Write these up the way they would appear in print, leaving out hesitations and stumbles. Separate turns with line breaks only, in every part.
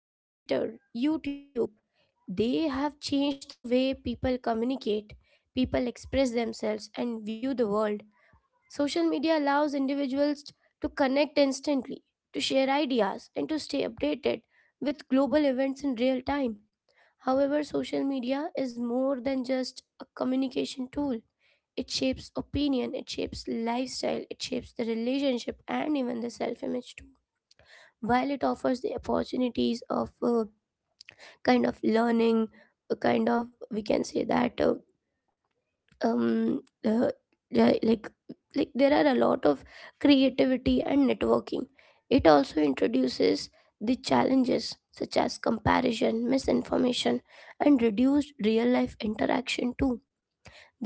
Facebook, Twitter, YouTube, they have changed the way people communicate, people express themselves and view the world. Social media allows individuals to connect instantly, to share ideas and to stay updated with global events in real time. However, social media is more than just a communication tool, it shapes opinion, it shapes lifestyle, it shapes the relationship and even the self image too. While it offers the opportunities of kind of learning, a kind of we can say that um uh, li- like like there are a lot of creativity and networking. It also introduces the challenges such as comparison, misinformation, and reduced real life interaction too,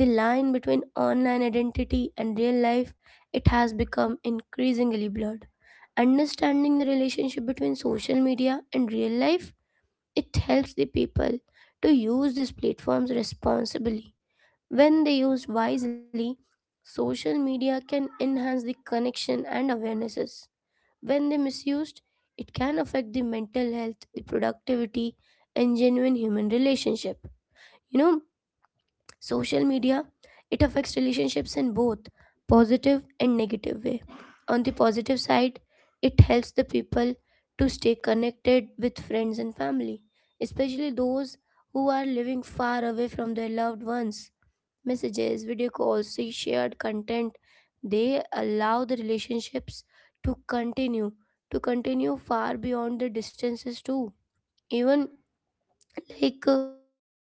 the line between online identity and real life, it has become increasingly blurred. Understanding the relationship between social media and real life, it helps the people to use these platforms responsibly. When they used wisely, social media can enhance the connection and awarenesses. When they misused, it can affect the mental health, the productivity, and genuine human relationship. You know, social media, it affects relationships in both positive and negative way. On the positive side, it helps the people to stay connected with friends and family, especially those who are living far away from their loved ones. Messages, video calls, see shared content, they allow the relationships to continue, to continue far beyond the distances too. Even like uh,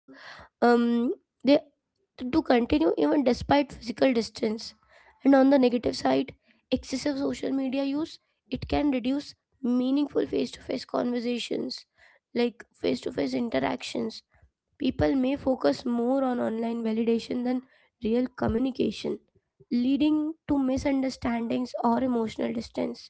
um they to continue even despite physical distance. And on the negative side, excessive social media use, it can reduce meaningful face-to-face conversations, like face-to-face interactions. People may focus more on online validation than real communication, leading to misunderstandings or emotional distance.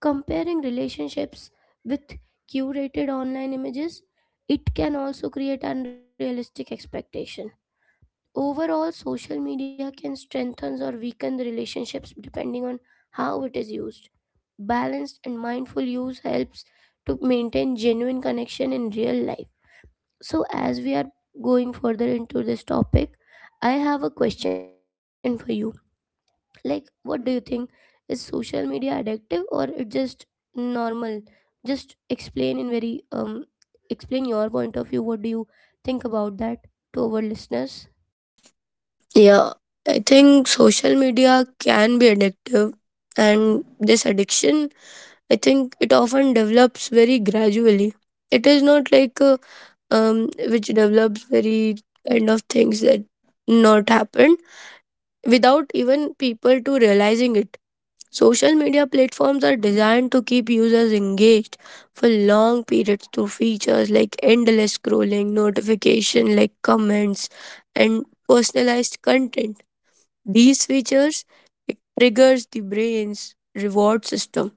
Comparing relationships with curated online images, it can also create unrealistic expectations. Overall, social media can strengthen or weaken the relationships depending on how it is used. Balanced and mindful use helps to maintain genuine connection in real life. So, as we are going further into this topic, I have a question for you. Like, what do you think? Is social media addictive or it just normal? Just explain in very explain your point of view. What do you think about that to our listeners?
Yeah, I think social media can be addictive, and this addiction, I think it often develops very gradually. It is not like which develops very kind of things that not happen without even people to realizing it. Social media platforms are designed to keep users engaged for long periods through features like endless scrolling, notification like comments, and personalized content, these features it triggers the brain's reward system,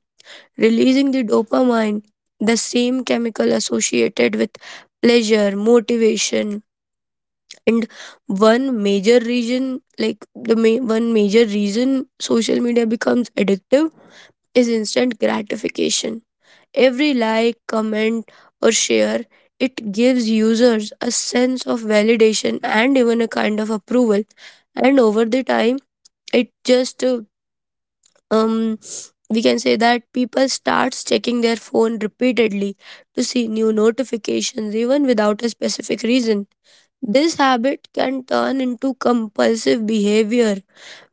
releasing the dopamine, the same chemical associated with pleasure, motivation, and one major reason one major reason social media becomes addictive is instant gratification. Every like, comment, or share, it gives users a sense of validation and even a kind of approval, and over the time it just um we can say that people starts checking their phone repeatedly to see new notifications even without a specific reason. This habit can turn into compulsive behavior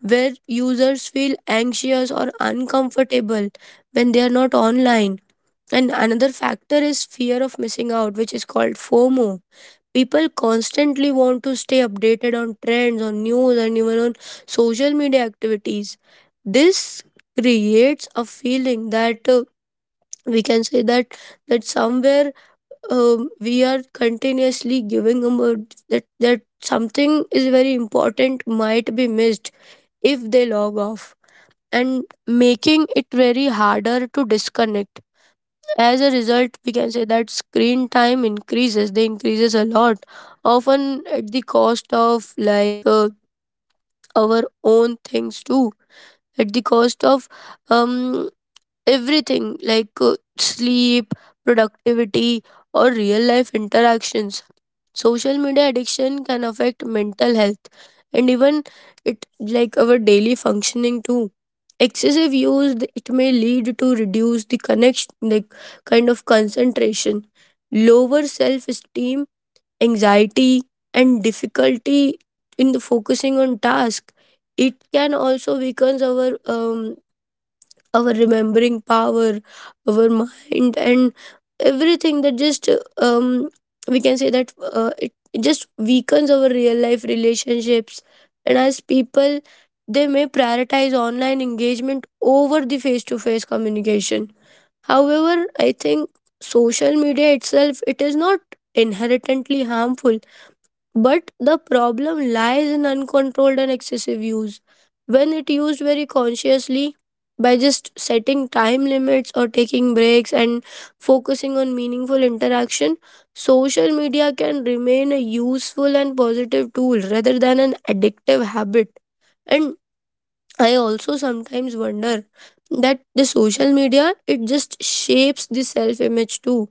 where users feel anxious or uncomfortable when they are not online, and another factor is fear of missing out, which is called FOMO. People constantly want to stay updated on trends, on news, and even on social media activities. This creates a feeling that, we can say that, that somewhere, we are continuously giving them a, that something is very important might be missed if they log off, and making it very harder to disconnect. As a result, we can say that screen time increases, they increases a lot, often at the cost of like, our own things too, at the cost of um everything like sleep, productivity, or real life interactions. Social media addiction can affect mental health and even it like our daily functioning too. Excessive use it may lead to reduce the connection like kind of concentration, lower self esteem, anxiety, and difficulty in the focusing on task. It can also weaken our remembering power, our mind, and everything that just um we can say that it just weakens our real life relationships, and as people they may prioritize online engagement over the face to face communication. However, I think social media itself it is not inherently harmful, but the problem lies in uncontrolled and excessive use. When it used very consciously, by just setting time limits or taking breaks and focusing on meaningful interaction, social media can remain a useful and positive tool rather than an addictive habit. And I also sometimes wonder that the social media it just shapes the self image too,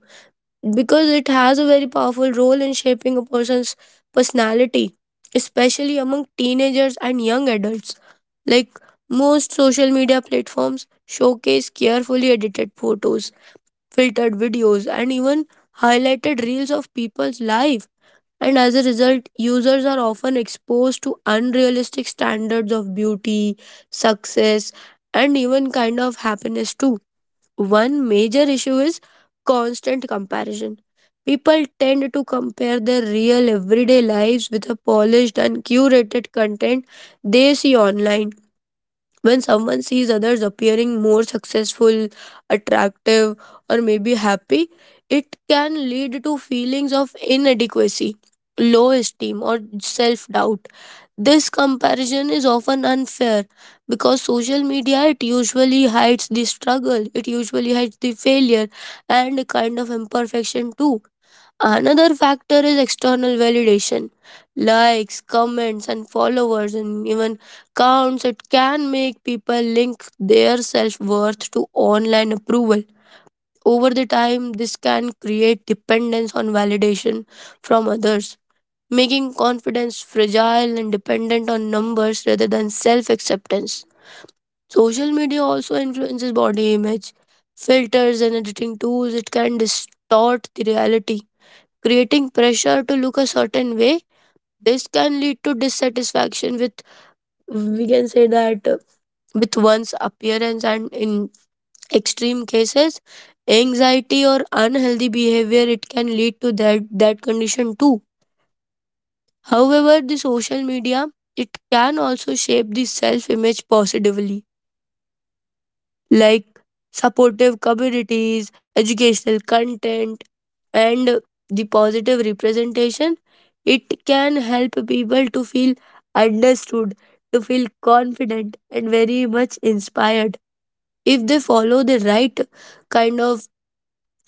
because it has a very powerful role in shaping a person's personality, especially among teenagers and young adults. Like most social media platforms showcase carefully edited photos, filtered videos, and even highlighted reels of people's life. And as a result, users are often exposed to unrealistic standards of beauty, success, and even kind of happiness too. One major issue is constant comparison. People tend to compare their real everyday lives with the polished and curated content they see online. When someone sees others appearing more successful, attractive, or maybe happy, it can lead to feelings of inadequacy, low esteem, or self doubt. This comparison is often unfair because social media it usually hides the struggle, it usually hides the failure and a kind of imperfection too. Another factor is external validation. Likes, comments and followers and even counts, it can make people link their self-worth to online approval. Over the time this can create dependence on validation from others, making confidence fragile and dependent on numbers rather than self acceptance. Social media also influences body image. Filters and editing tools, it can distort the reality, creating pressure to look a certain way. This can lead to dissatisfaction with, we can say that, with one's appearance, and in extreme cases, anxiety or unhealthy behavior, it can lead to that condition too. However, the social media it can also shape the self-image positively, like supportive communities, educational content, and the positive representation. It can help people to feel understood, to feel confident, and very much inspired. If they follow the right kind of,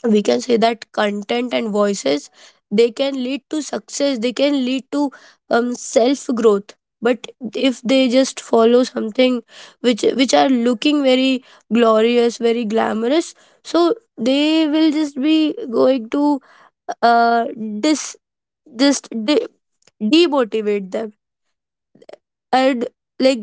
we can say that, content and voices, they can lead to success, they can lead to self growth. But if they just follow something which are looking very glorious, very glamorous, so they will just be going to uh dis just de- demotivate them. And like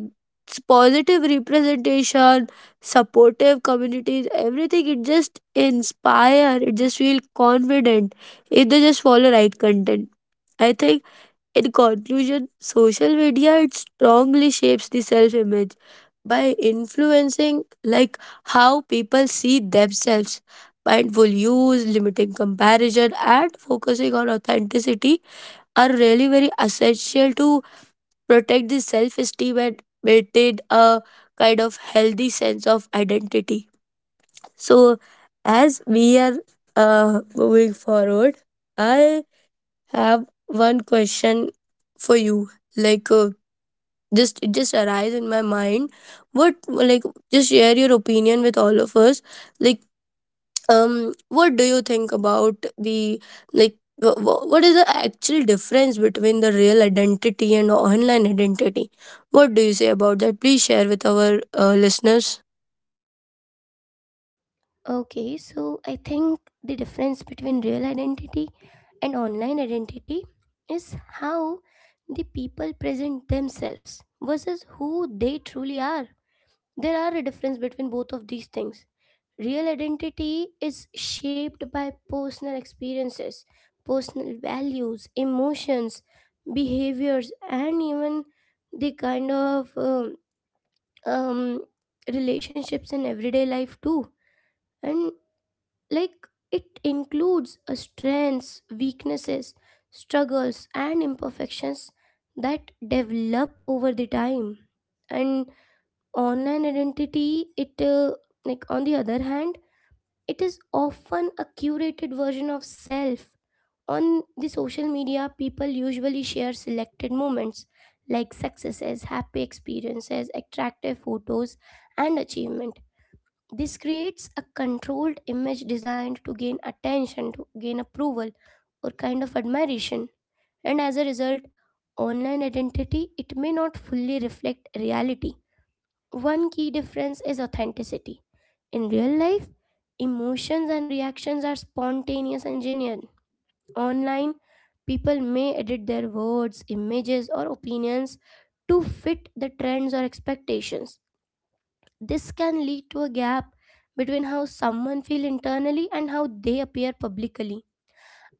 it's positive representation, supportive communities, everything, it just inspire, it just feel confident if they just follow right content. I think in conclusion, social media it strongly shapes the self image by influencing like how people see themselves. Mindful use, limiting comparison and focusing on authenticity are really very essential to protect the self esteem and maintain a kind of healthy sense of identity. So, as we are moving forward, I have one question for you. Like, just it just arise in my mind. What like just share your opinion with all of us. Like, what do you think about the, like, what is the actual difference between the real identity and online identity? What do you say about that? Please share with our listeners.
Okay, so I think the difference between real identity and online identity is how the people present themselves versus who they truly are. There are a difference between both of these things. Real identity is shaped by personal experiences, personal values, emotions, behaviors, and even the kind of um, relationships in everyday life too. And like it includes strengths, weaknesses, struggles, and imperfections that develop over the time. And online identity, it like on the other hand, it is often a curated version of self. On the social media, people usually share selected moments like successes, happy experiences, attractive photos, and achievements. This creates a controlled image designed to gain attention, to gain approval or kind of admiration. And as a result, online identity it may not fully reflect reality. One key difference is authenticity. In real life, emotions and reactions are spontaneous and genuine. Online, people may edit their words, images or opinions to fit the trends or expectations. This can lead to a gap between how someone feels internally and how they appear publicly.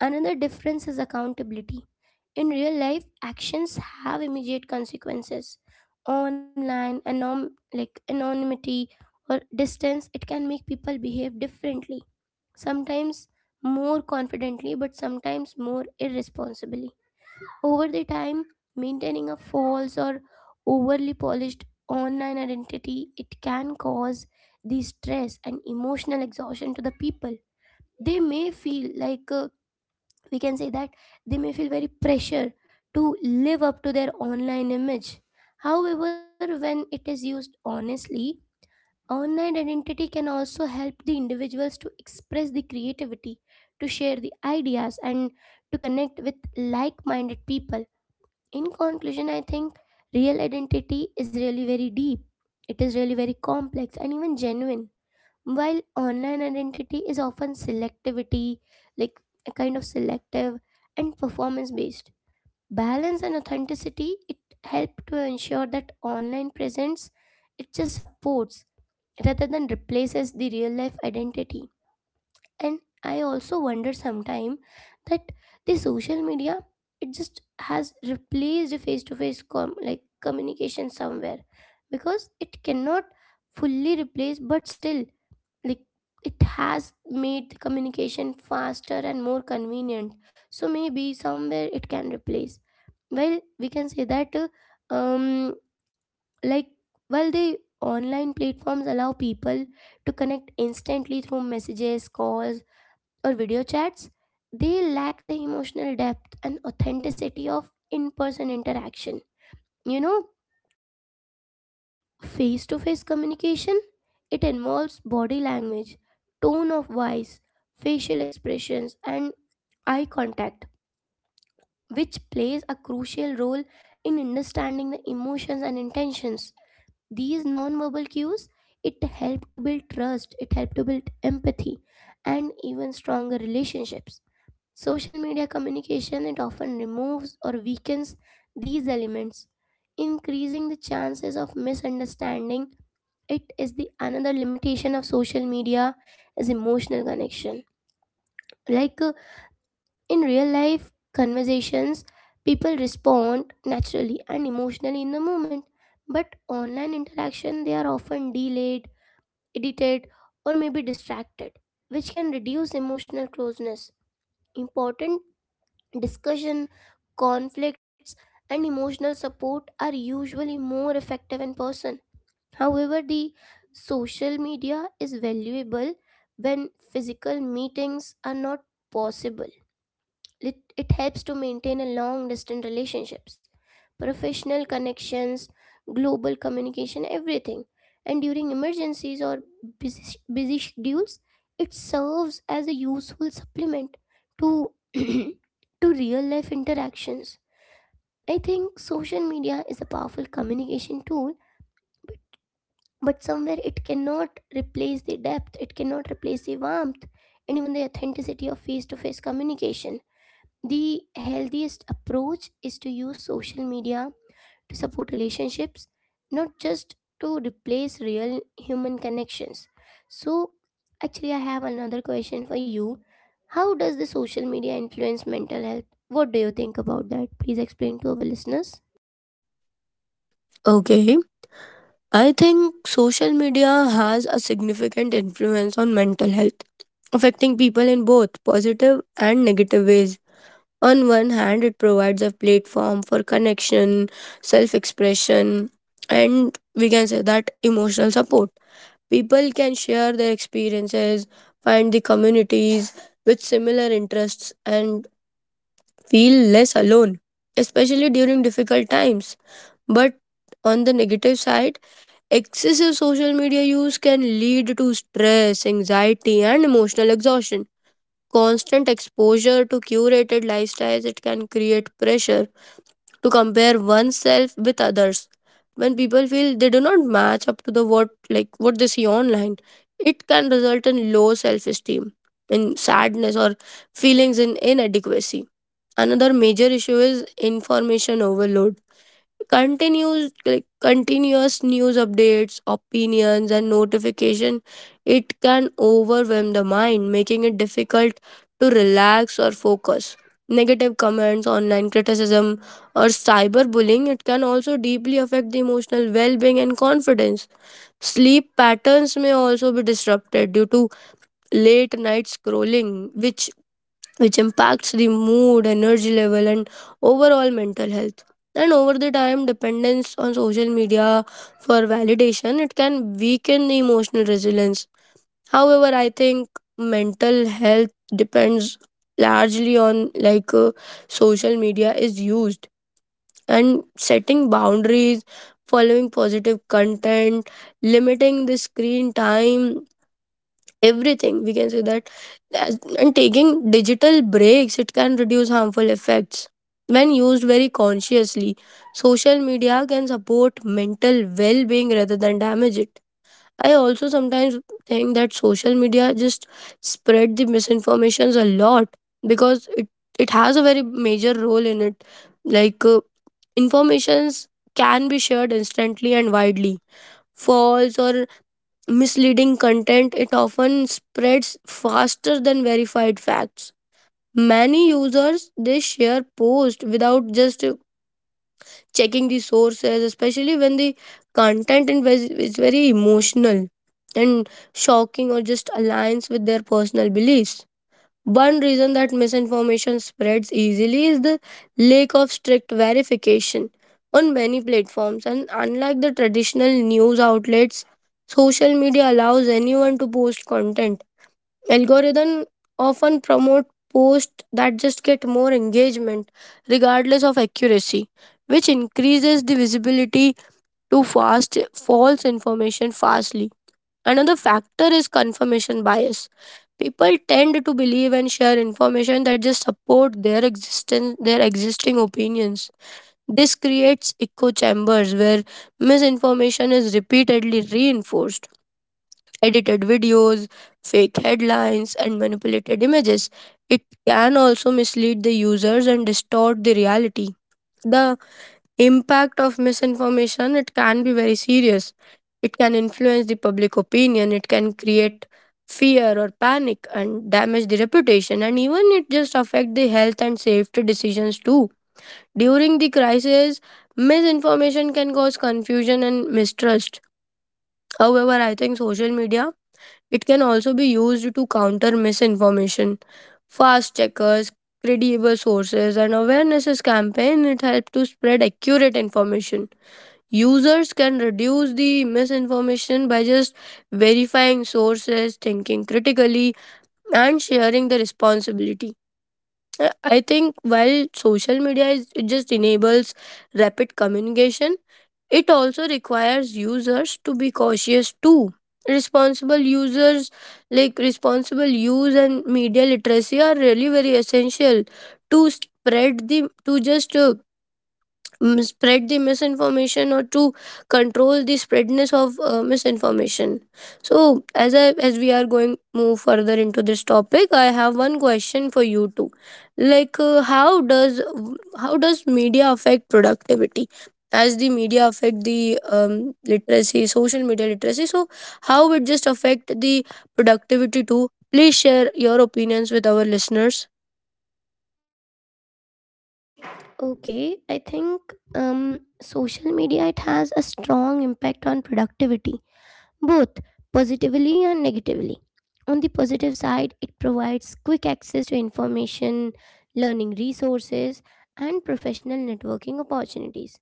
Another difference is accountability. In real life, actions have immediate consequences. Online, anonymity or distance, it can make people behave differently. Sometimes more confidently, but sometimes more irresponsibly. Over the time, maintaining a false or overly polished online identity, it can cause the stress and emotional exhaustion to the people. They may feel we can say that they may feel very pressure to live up to their online image. However, when it is used honestly, online identity can also help the individuals to express the creativity, to share the ideas and to connect with like-minded people. In conclusion, I think real identity is really very deep. It is really very complex and even genuine. While online identity is often selectivity, like a kind of selective and performance based. Balance and authenticity, it help to ensure that online presence it just supports rather than replaces the real life identity. And I also wonder sometime that the social media, it just has replaced face to face communication somewhere, because it cannot fully replace but still, like, it has made the communication faster and more convenient. So maybe somewhere it can replace, well, we can say that um like while the online platforms allow people to connect instantly through messages calls or video chats, they lack the emotional depth and authenticity of in person interaction. You know, face to face communication, it involves body language, tone of voice, facial expressions, and eye contact, which plays a crucial role in understanding the emotions and intentions. These non-verbal cues it help to build trust, it help to build empathy, and even stronger relationships. Social media communication it often removes or weakens these elements, increasing the chances of misunderstanding. It is the another limitation of social media is emotional connection. Like uh, in real life conversations, people respond naturally and emotionally in the moment, but online interaction they are often delayed, edited, or maybe distracted, which can reduce emotional closeness. Important discussion, conflicts, and emotional support are usually more effective in person. However, the social media is valuable when physical meetings are not possible. It helps to maintain a long distance relationships, professional connections, global communication, everything. And during emergencies or busy schedules, it serves as a useful supplement to to real life interactions. I think social media is a powerful communication tool, but somewhere it cannot replace the depth, it cannot replace the warmth, and even the authenticity of face to face communication. The healthiest approach is to use social media to support relationships, not just to replace real human connections. So, actually, I have another question for you. How does the social media influence mental health? What do you think about that? Please explain to our listeners.
Okay, I think social media has a significant influence on mental health, affecting people in both positive and negative ways. On one hand, it provides a platform for connection, self expression, and we can say that emotional support. People can share their experiences, find the communities with similar interests, and feel less alone, especially during difficult times. But on the negative side, excessive social media use can lead to stress, anxiety, and emotional exhaustion. Constant exposure to curated lifestyles, it can create pressure to compare oneself with others. When people feel they do not match up to the what, like what they see online, it can result in low self esteem, in sadness or feelings in inadequacy. Another major issue is information overload. Continuous news updates, opinions and notification, it can overwhelm the mind, making it difficult to relax or focus. Negative comments, online criticism or cyberbullying, it can also deeply affect the emotional well-being and confidence. Sleep patterns may also be disrupted due to late night scrolling, which impacts the mood, energy level, and overall mental health. And over the time, dependence on social media for validation, it can weaken the emotional resilience. However, I think mental health depends largely on, like, social media is used, and setting boundaries, following positive content, limiting the screen time, everything, we can say that as- and taking digital breaks, it can reduce harmful effects. When used very consciously, social media can support mental well-being rather than damage it. I also sometimes think that social media just spread the misinformations a lot, because it has a very major role in it. Like, informations can be shared instantly and widely. False or misleading content, it often spreads faster than verified facts. Many users they share posts without just checking the sources, especially when the content is very emotional and shocking or just aligns with their personal beliefs. One reason that misinformation spreads easily is the lack of strict verification on many platforms. And unlike the traditional news outlets, social media allows anyone to post content. Algorithms often promote posts that just get more engagement, regardless of accuracy, which increases the visibility to fast false information fastly. Another factor is confirmation bias. People tend to believe and share information that just support their existence, their existing opinions. This creates echo chambers where misinformation is repeatedly reinforced. Edited videos, fake headlines, and manipulated images, it can also mislead the users and distort the reality. The impact of misinformation, it can be very serious. It can influence the public opinion, it can create fear or panic and damage the reputation, and even it just affect the health and safety decisions too. During the crisis, misinformation can cause confusion and mistrust. However, I think social media, it can also be used to counter misinformation. Fast checkers, credible sources and awarenesses campaign, it help to spread accurate information. Users can reduce the misinformation by just verifying sources, thinking critically, and sharing the responsibility. I think while social media is, it just enables rapid communication, it also requires users to be cautious too. Responsible users, like responsible use and media literacy, are really very essential to spread the to just spread the misinformation or to control the spreadness of misinformation. So as we are going move further into this topic, I have one question for you too. Like, how does media affect productivity? As the media affect the literacy, social media literacy, so how it just affect the productivity too? Please share your opinions with our listeners.
Okay, I think social media it has a strong impact on productivity both positively and negatively. On the positive side, it provides quick access to information, learning resources, and professional networking opportunities.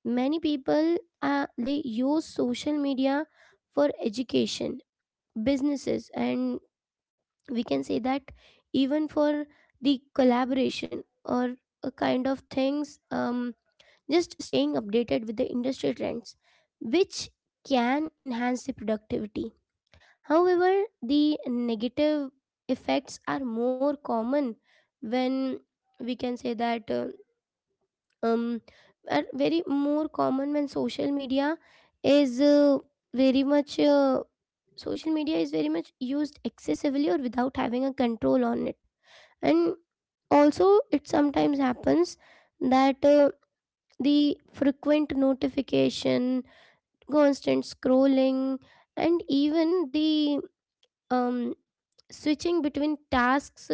Many people they use social media for education, businesses, and we can say that even for the collaboration or a kind of things. Just staying updated with the industry trends, which can enhance the productivity. However, the negative effects are more common when we can say that um, are very more common when is uh, very much uh, social media is very much used excessively or without having a control on it. And also, it sometimes happens that the frequent notification, constant scrolling, and even the um, switching between tasks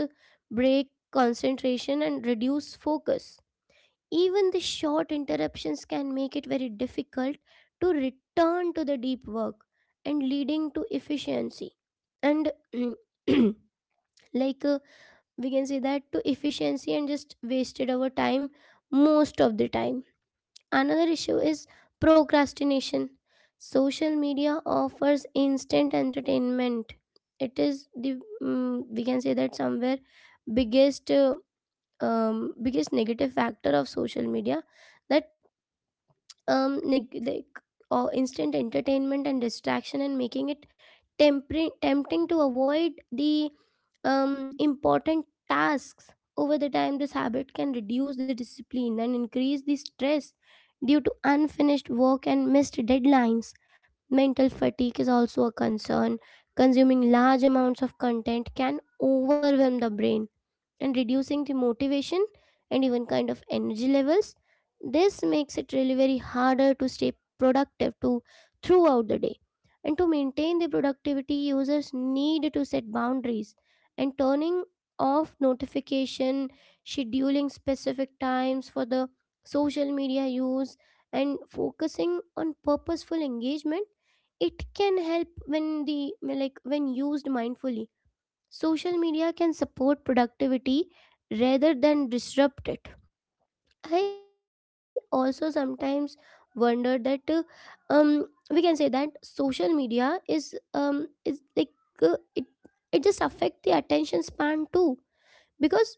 break concentration and reduce focus. Even the short interruptions can make it very difficult to return to the deep work and leading to efficiency and like uh, we can say that to efficiency and just wasted our time most of the time. Another issue is procrastination. Social media offers instant entertainment. It is the we can say that somewhere biggest uh, biggest negative factor of social media, that um neg- like or instant entertainment and distraction, and making it tempering tempting to avoid the important tasks. Over the time, this habit can reduce the discipline and increase the stress due to unfinished work and missed deadlines. Mental fatigue is also a concern. Consuming large amounts of content can overwhelm the brain and reducing the motivation and even kind of energy levels. This makes it really very harder to stay productive to throughout the day, and to maintain the productivity users need to set boundaries and turning off notification, scheduling specific times for the social media use, and focusing on purposeful engagement, it can help when the like when used mindfully. Social media can support productivity rather than disrupt it. I also sometimes wonder that um, we can say that social media is like it it just affect the attention span too, because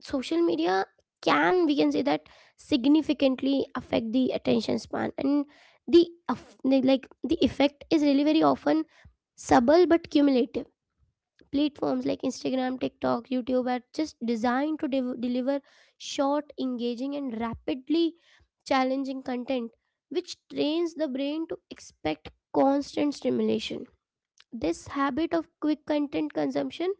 social media can, we can say that, significantly affect the attention span, and the aff- the- like the effect is really very often subtle but cumulative. Platforms like Instagram, TikTok, YouTube are just designed to deliver short, engaging, and rapidly challenging content, which trains the brain to expect constant stimulation. This habit of quick content consumption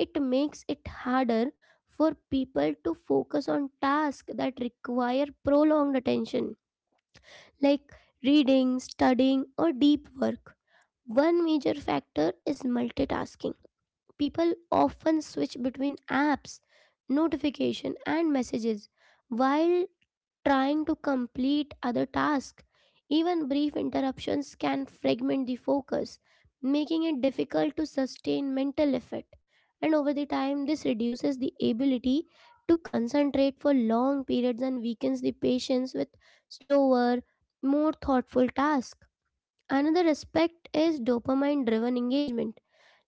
it makes it harder for people to focus on tasks that require prolonged attention, like reading, studying, or deep work. One major factor is multitasking. People often switch between apps, notification and messages while trying to complete other tasks. Even brief interruptions can fragment the focus, making it difficult to sustain mental effort. And over the time, this reduces the ability to concentrate for long periods and weakens the patience with slower, more thoughtful tasks. Another aspect is dopamine driven engagement.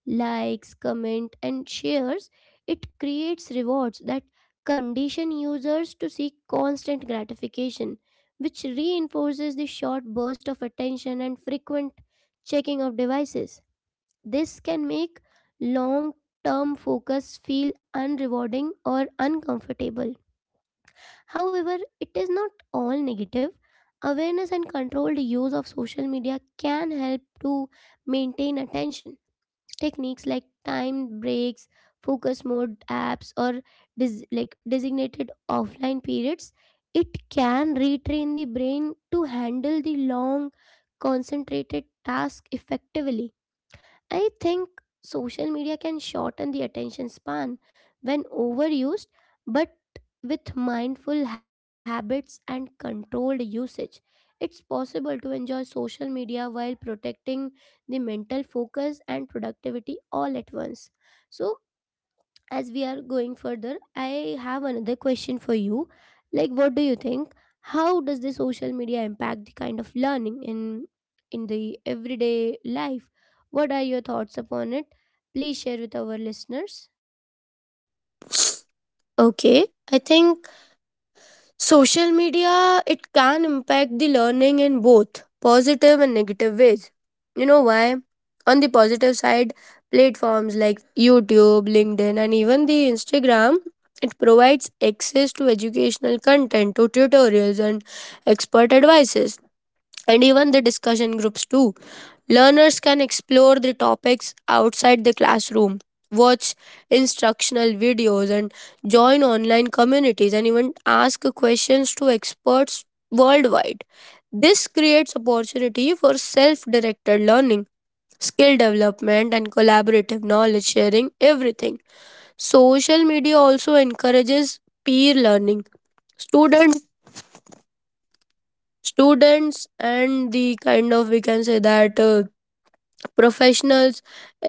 Likes, comment, and shares, it creates rewards that condition users to seek constant gratification, which reinforces the short burst of attention and frequent checking of devices. This can make long term focus feel unrewarding or uncomfortable. However, it is not all negative. Awareness and controlled use of social media can help to maintain attention. Techniques like time breaks, focus mode apps, or designated offline periods, it can retrain the brain to handle the long, concentrated task effectively. I think social media can shorten the attention span when overused, but with mindful habits and controlled usage, it's possible to enjoy social media while protecting the mental focus and productivity all at once. So, as we are going further, I have another question for you. Like, what do you think? How does the social media impact the kind of learning in the everyday life? What are your thoughts upon it? Please share with our listeners.
Okay, I think social media, it can impact the learning in both positive and negative ways. You know why? On the positive side, platforms like YouTube, LinkedIn, and even the Instagram, it provides access to educational content, to tutorials, and expert advices, and even the discussion groups too. Learners can explore the topics outside the classroom, watch instructional videos, and join online communities and even ask questions to experts worldwide. This creates opportunity for self directed learning, skill development, and collaborative knowledge sharing, everything. Social media also encourages peer learning. Student, students and the kind of we can say that professionals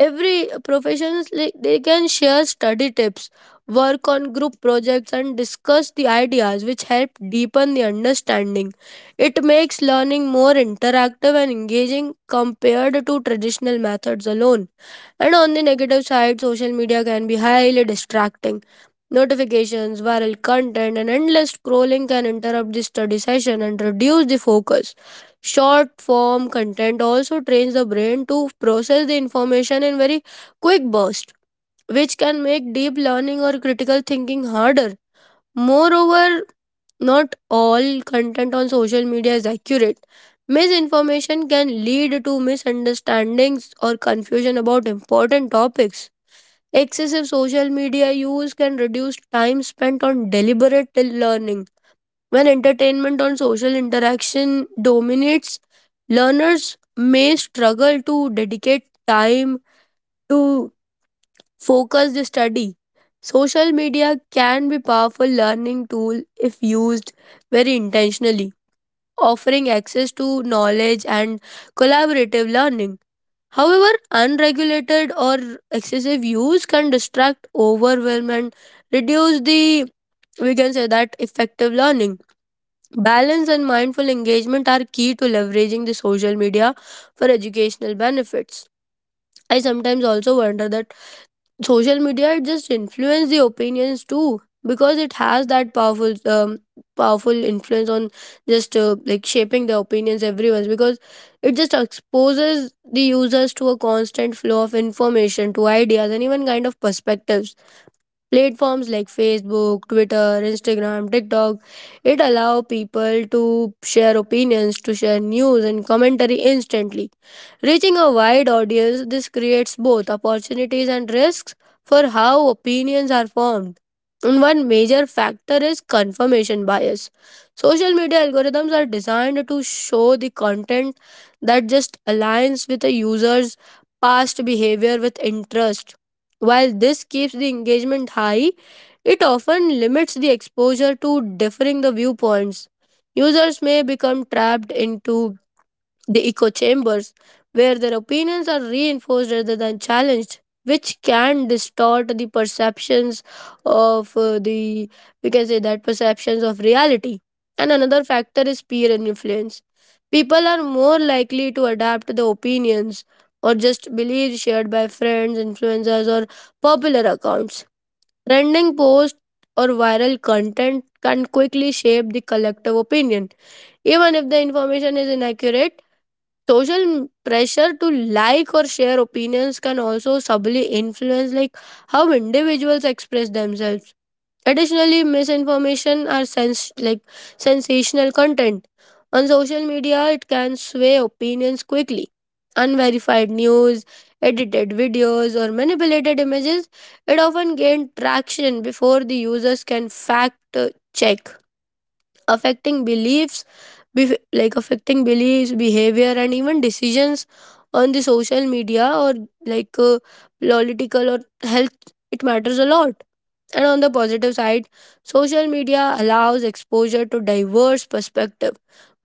every professionals like they can share study tips, work on group projects, and discuss the ideas which help deepen the understanding. It makes learning more interactive and engaging compared to traditional methods alone. And on the negative side, social media can be highly distracting. Notifications, viral content, and endless scrolling can interrupt the study session and reduce the focus. Short form content also trains the brain to process the information in very quick bursts, which can make deep learning or critical thinking harder. Moreover, not all content on social media is accurate. Misinformation can lead to misunderstandings or confusion about important topics. Excessive social media use can reduce time spent on deliberate learning. When entertainment on social interaction dominates, learners may struggle to dedicate time to focused study. Social media can be powerful learning tool if used very intentionally, offering access to knowledge and collaborative learning. However, unregulated or excessive use can distract, overwhelm, and reduce the we can say that effective learning. Balance and mindful engagement are key to leveraging the social media for educational benefits. I sometimes also wonder that social media just influence the opinions too, because it has that powerful influence on just like shaping the opinions everyone's, because it just exposes the users to a constant flow of information, to ideas, and even kind of perspectives. Platforms like Facebook, Twitter, Instagram, TikTok, it allow people to share opinions, to share news and commentary instantly. Reaching a wide audience, this creates both opportunities and risks for how opinions are formed. And one major factor is confirmation bias. Social media algorithms are designed to show the content that just aligns with a user's past behavior with interest. While this keeps the engagement high, it often limits the exposure to differing the viewpoints. Users may become trapped into the echo chambers, where their opinions are reinforced rather than challenged, which can distort the perceptions of we can say that perceptions of reality. And another factor is peer influence. People are more likely to adapt to the opinions or just beliefs shared by friends, influencers, or popular accounts. Trending posts or viral content can quickly shape the collective opinion, even if the information is inaccurate. Pressure to like or share opinions can also subtly influence like how individuals express themselves. Additionally, misinformation or sensational content on social media, it can sway opinions quickly. Unverified news, edited videos, or manipulated images, it often gain traction before the users can fact check, affecting beliefs, affecting beliefs, behavior, and even decisions on the social media, or like political or health, it matters a lot. And on the positive side, social media allows exposure to diverse perspective,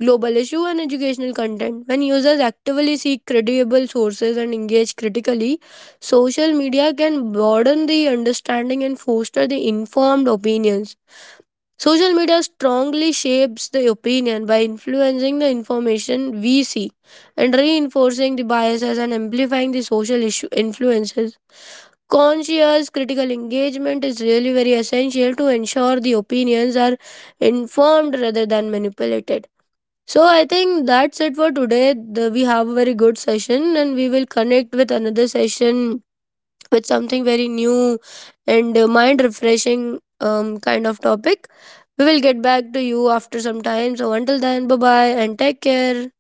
global issue, and educational content. When users actively seek credible sources and engage critically, social media can broaden the understanding and foster the informed opinions. Social media strongly shapes the opinion by influencing the information we see, and reinforcing the biases, and amplifying the social issue influences. Conscious critical engagement is really very essential to ensure the opinions are informed rather than manipulated. So I think that's it for today. We have a very good session and we will connect with another session with something very new and mind refreshing kind of topic. We will get back to you after some time. So, until then, bye bye and take care.